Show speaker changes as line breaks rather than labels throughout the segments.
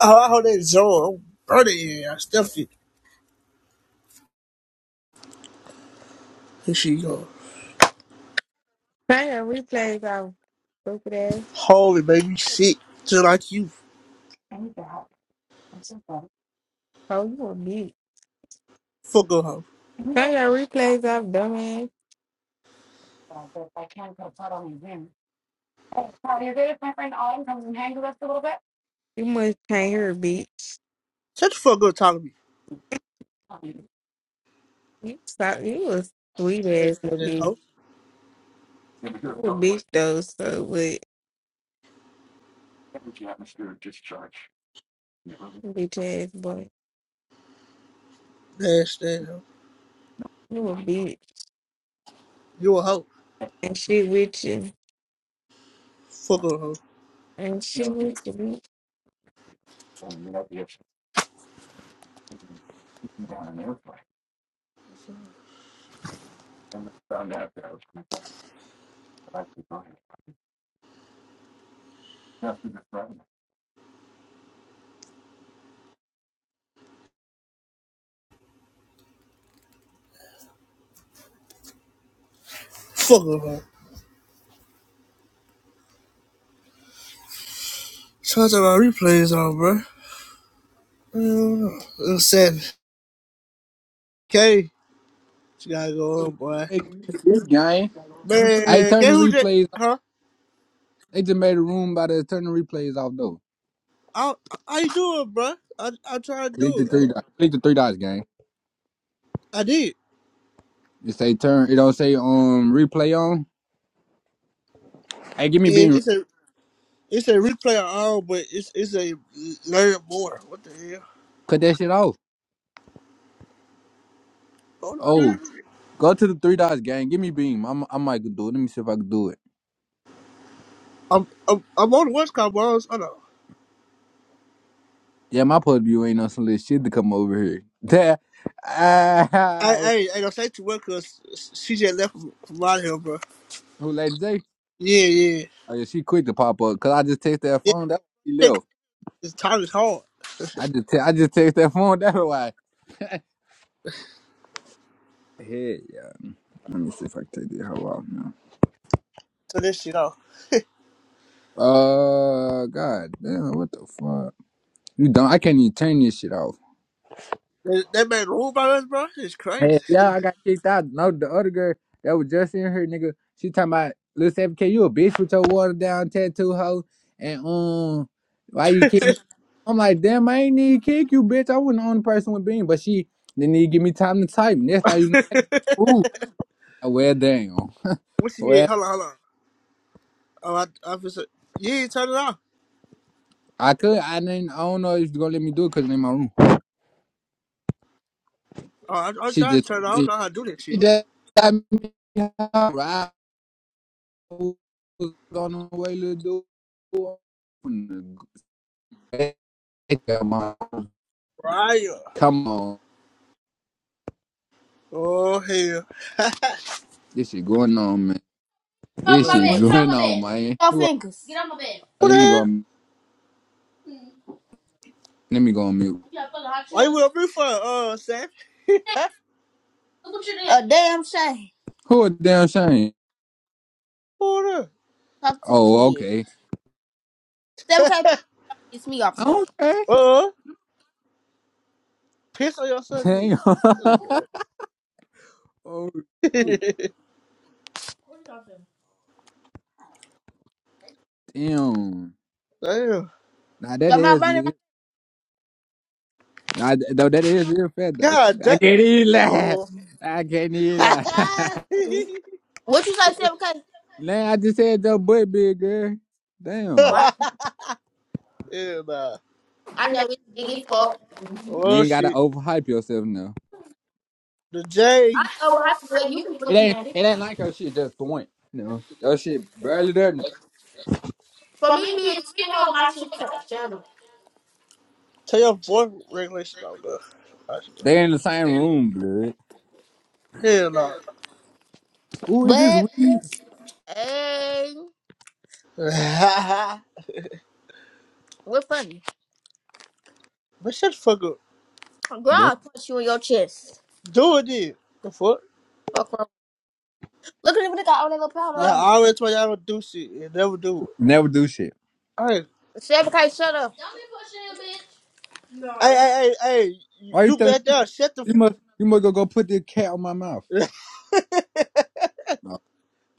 Oh, I hold that zone. I'm burning. it, yeah. I stuffed it. And she go,
Turn your replays off, stupid ass.
holy baby, sick. Just like you.
I need your help. I'm so sorry. Oh, you a bitch.
Fuck a hoe.
Turn your replays off, dumbass. But I can't go put on your rim. Hey, Claudia, is it if my friend Autumn comes and hangs with us a little bit? You must can't hear a bitch.
Shut the fuck up talking to me.
Um, You stop. You a sweet ass little
Nasty ass
bitch.
hoe.
You a bitch though, so but bitch ass boy.
Nasty ass hoe.
You a bitch
You a hoe.
and shit with you
Fuck a hoe.
and shit with you. bitch. After the Friday.
Fuck a hoe. Shout out my replays on, bro. I do Uh, It's seven. Okay. She gotta go on, boy.
Hey, good gang. I
Man,
turned the
get who that?
replays.
Huh?
They just made a room by the turn the replays off though.
I, I, how you doing, bro? I, I tried to
Click
do
the
it. Hold
three dots.
on.
Click the three dots, gang.
I did.
It say turn. It don't say um replay on. Hey, give me
And
beam.
it's a, It's a replay of all, but it's it's a learn more. What the hell?
Cut that shit off.
Hold on, dude.
Oh, go to the three dots, gang. Give me beam. I'm I might do it. Let me see if I can do it.
I'm I'm, I'm on the West Coast, bro. Hold on.
Yeah, my pub view ain't on some little shit to come over here. That
I
ah,
I ain't gonna say too much because she just left from, from out here, bro.
who lady J?
Yeah, yeah,
Oh yeah, she quick to pop up. Cause I just text that
yeah.
phone. That's why she
That
left.
this time is hard.
I just te- I just text that phone. That's why. Hey, yeah. Let me see if I can take the hell off now.
So this shit off.
Uh, god damn, what the fuck? You don't? I can't even turn this shit off.
That that man rule by us, bro. It's crazy.
Hey, yeah, I got kicked out. No, the other girl that was just in here, nigga, she talking about, Lil Savvy K, you a bitch with your watered down tattoo hoe, and um, why you kicking? me?" I'm like, damn, I ain't need to kick you, bitch. I wasn't the only person with being, but she didn't need to give me time to type. And that's how you know.
what
Ooh, well, damn.
she did?
Well,
Hold on, hold on. Oh, I I was. yeah, turn it off.
I could, I didn't, I don't know if you're gonna let me do it because it's in my room.
Oh, I, I'm
She
trying to
just
turn it off. I don't
told me
know how to do that
she
shit.
just got me out right on the way to do. it.
Right.
Come on,
Oh hell.
this shit going on, man.
off
This
my
Man,
shit
bed.
what?
Get off
going
my
on,
bed.
man.
Your
Who? are-
fingers. Get off my bed.
What the
Let me go.
hell?
on-
Hmm.
Let me go on mute.
You got fucking hot
Why you
children.
with me for? Uh, Sam.
Hey, look what you did. A damn shame.
Who a damn shame?
Order.
Talk to the
Oh,
kid.
okay.
7K pissed me off today.
Okay.
Uh, piss on your Sunday.
Damn.
A little bit.
oh, shit.
What you talking about?
Damn.
Damn.
Now that
Your mom
is
running around.
it. Now, th- though that is it, fat though.
God damn.
I can't even lie.
Uh oh.
I can't even lie.
What you say, 7K?
Man, I just had your butt big, girl.
Oh,
Oh,
Damn.
I,
I,
yeah, nah.
I
I
know
never
it, it get
really
fucked.
thought.
You
Well,
ain't gotta
shit.
overhype yourself now.
The
I
J.
I
ain't
was
overhyped the
like,
way
well,
you
you
was looking
It
looking
ain't
at it.
it ain't like your shit just point. No. Your shit barely there now.
For
For
me to
me,
be a
being skinny
on
on
my
my
shit
shit,
fat.
shut
Tell your voice regulation on the.
They in the same room, blood.
Hell no.
Who is this
up.
weed?
Hey, we're funny.
but shut the fuck up.
Girl,
They
I'll punch you in your chest.
Do it then. The fuck?
Fuck wrong. Look at him, nigga, all that little powder
Y'all
on.
always tell y'all to do shit and never do it.
never do shit.
Hey,
7K, shut up. Don't be pushing, him, bitch.
hey,
No.
hey, hey, hey. You
Why you
you
telling
back
me
down. Shut the.
you must you must go, go put this cat on my mouth?
F-
Oh,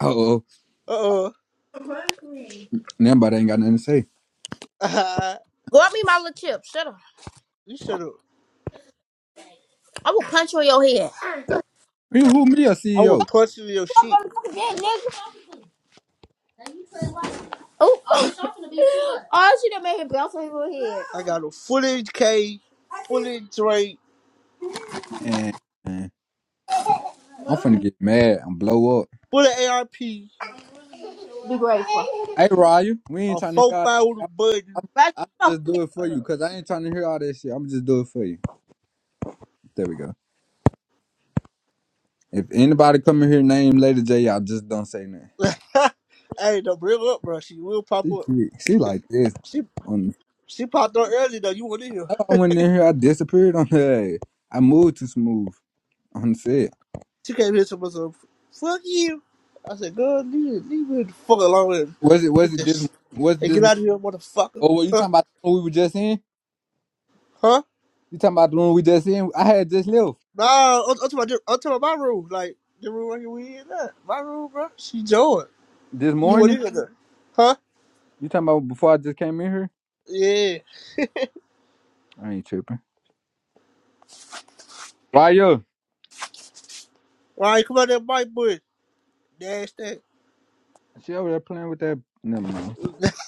oh.
uh oh.
Punch me.
Nobody ain't got nothing to say.
Go me my little chip. Shut up.
you shut up.
I will punch you in your head.
You who me a
I will
CEO?
punch you in your shit.
Oh, oh, Oh, she done made him bounce on her head.
I got a fully K, fully Drake,
And I'm finna get mad and blow up.
fully ARP, a
Be grateful.
Hey, Raya, we ain't trying to
four
hear all
five with a
that.
button.
I'm, I'm,
Right,
I'm
come on.
just do it
I
for you because I ain't trying to hear all that shit. I'm just do it for you. There we go. If anybody come in here name Lady J, I just don't say nothing.
got- hey, don't bring her up, bro. She will pop
She
up.
quick. She like this.
She
On
she popped up early though. You want in here?
I know I went in here, I disappeared on her. I moved too smooth on the set.
She came here to myself. Fuck you. I said, girl, leave, leave me the fuck alone and
Was it? Was
get
it this?
this.
Was it
Hey,
this?
get out of here, motherfucker.
Or were you
Huh?
talking about the one we were just in?
Huh?
You talking about the one we just in? I had just left
Nah, I'm I'm, talking about, I'm talking about my room. Like, the room right here we in that. My room, bro. She joined.
this
You want
morning.
in there? Huh?
You talking about before I just came in here?
Yeah.
I ain't tripping. Why yo?
Why you come out that mic bush? Nasty.
She over there playing with that. Never mind.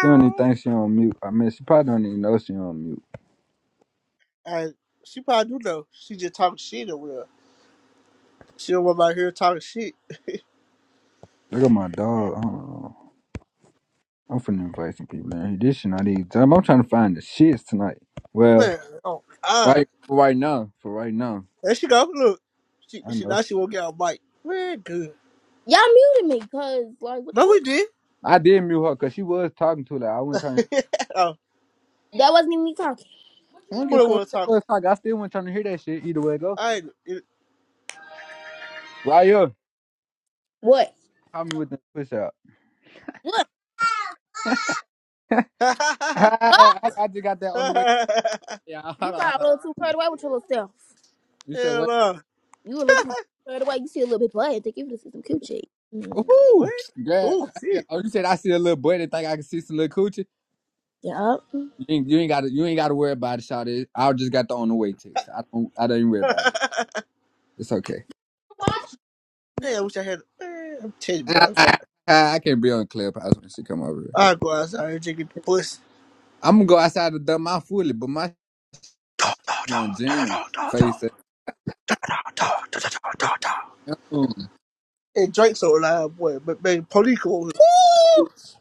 She don't even think she on mute. I mean, she probably don't even know she on mute.
and she probably do know. She just talking shit over there. She don't want my here talking shit.
Look at my dog. I don't know. I'm finna invite some people in here. This shit not even time. I'm trying to find the shits tonight. Well,
Man, oh god.
right for right now. For right now.
There she go. Look. She,
I
she
know.
now she won't get on mic. Man, good.
Y'all muted me, cause like, what the
No we
fuck?
did.
I did mute her because she was talking to her. like I wasn't trying to
oh,
That wasn't even me talking.
I don't
who
give a
the
fuck
one
what
talking?
was talking. I still wasn't trying to hear that shit either way it go.
I ain't it.
Right here.
What?
Call me with the push out.
What? Fuck!
I, I, I just got that on the way. Yeah, hold
You
on, hold
got a
on.
little too carried away with your little self.
You said
Hell
what?
no.
You a little too carried away. You see a little bit blood. They give you some coochie. Mm.
What?
Ooh, yeah.
Oh
I said-
shit.
Oh, you said I see a little boy that think I can see some little coochie.
Yup.
You ain't, you ain't gotta you ain't gotta worry about it, Shawty. I just got the on the way text. I don't I don't even worry about it. It's okay.
Yeah, I wish I had man, I'm telling you,
I,
boy.
I, I can't be on Clubhouse when she come over here.
I go outside and just get the pussy.
I'm gonna go outside to dump my fully, but my shit
No, no,
gonna
no, no,
jam.
no, no, no.
Face it. Mm.
Hey, Drake's all loud, boy. But man, police call.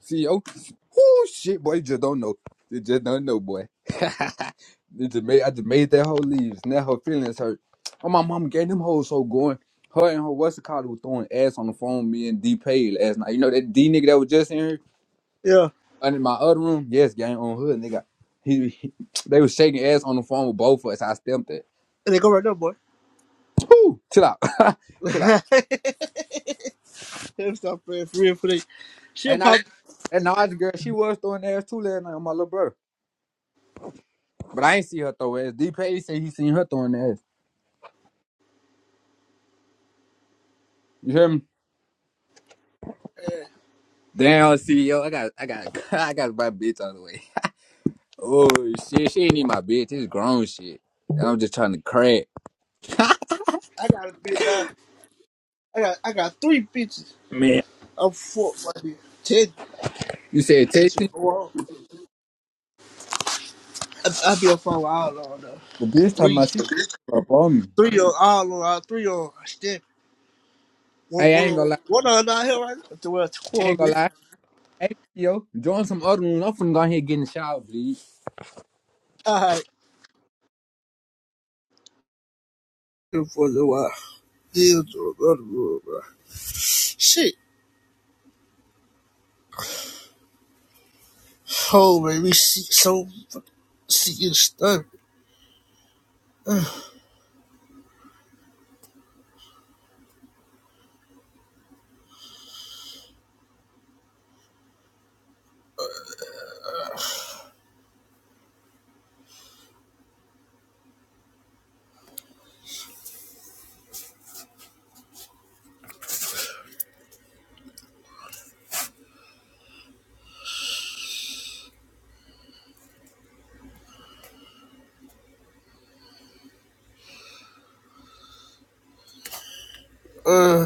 See, oh, whoo, shit, boy, you just don't know. You just don't know, boy. You just made, I just made that whole leaves. Now her feelings hurt. Oh, my mom gave them hoes so going. Her and her what's the called was throwing ass on the phone. Me and D Pay last night. You know that D nigga that was just in here.
Yeah,
under my other room, yes, gang on hood, nigga. He, he- they was shaking ass on the phone with both of us. I stamped it.
and they go right there, boy.
Chill out, chill out.
Them stuff, man, for real, for real. She'll
And I
pop.
and Nas girl, she was throwing ass too last night on my little brother, but I ain't see her throw ass. D Page said he seen her throwing ass. You hear me?
eh,
Damn CEO, I got I got I got my bitch on the way. Oh shit, she ain't even my bitch. It's grown shit, and I'm just trying to crack.
I got a bit now. I got I got three bitches.
Man,
I'm four, buddy. Ten
You said
bitches.
Tasty?
Well, I, I be on phone with all on though.
The bitch talking
Three,
about she up on me.
three on all on all three on stick. One,
Hey, I
one
ain't
on
gonna lie.
one on down here right now. The world's
I ain't gonna
quarter.
lie. Hey, yo, join some other rooms. I'm finna go ahead and get in the shower, please.
All right. For a little while. Deal to another room, bro. Shit. Holy, we see so see you stunned. Uh.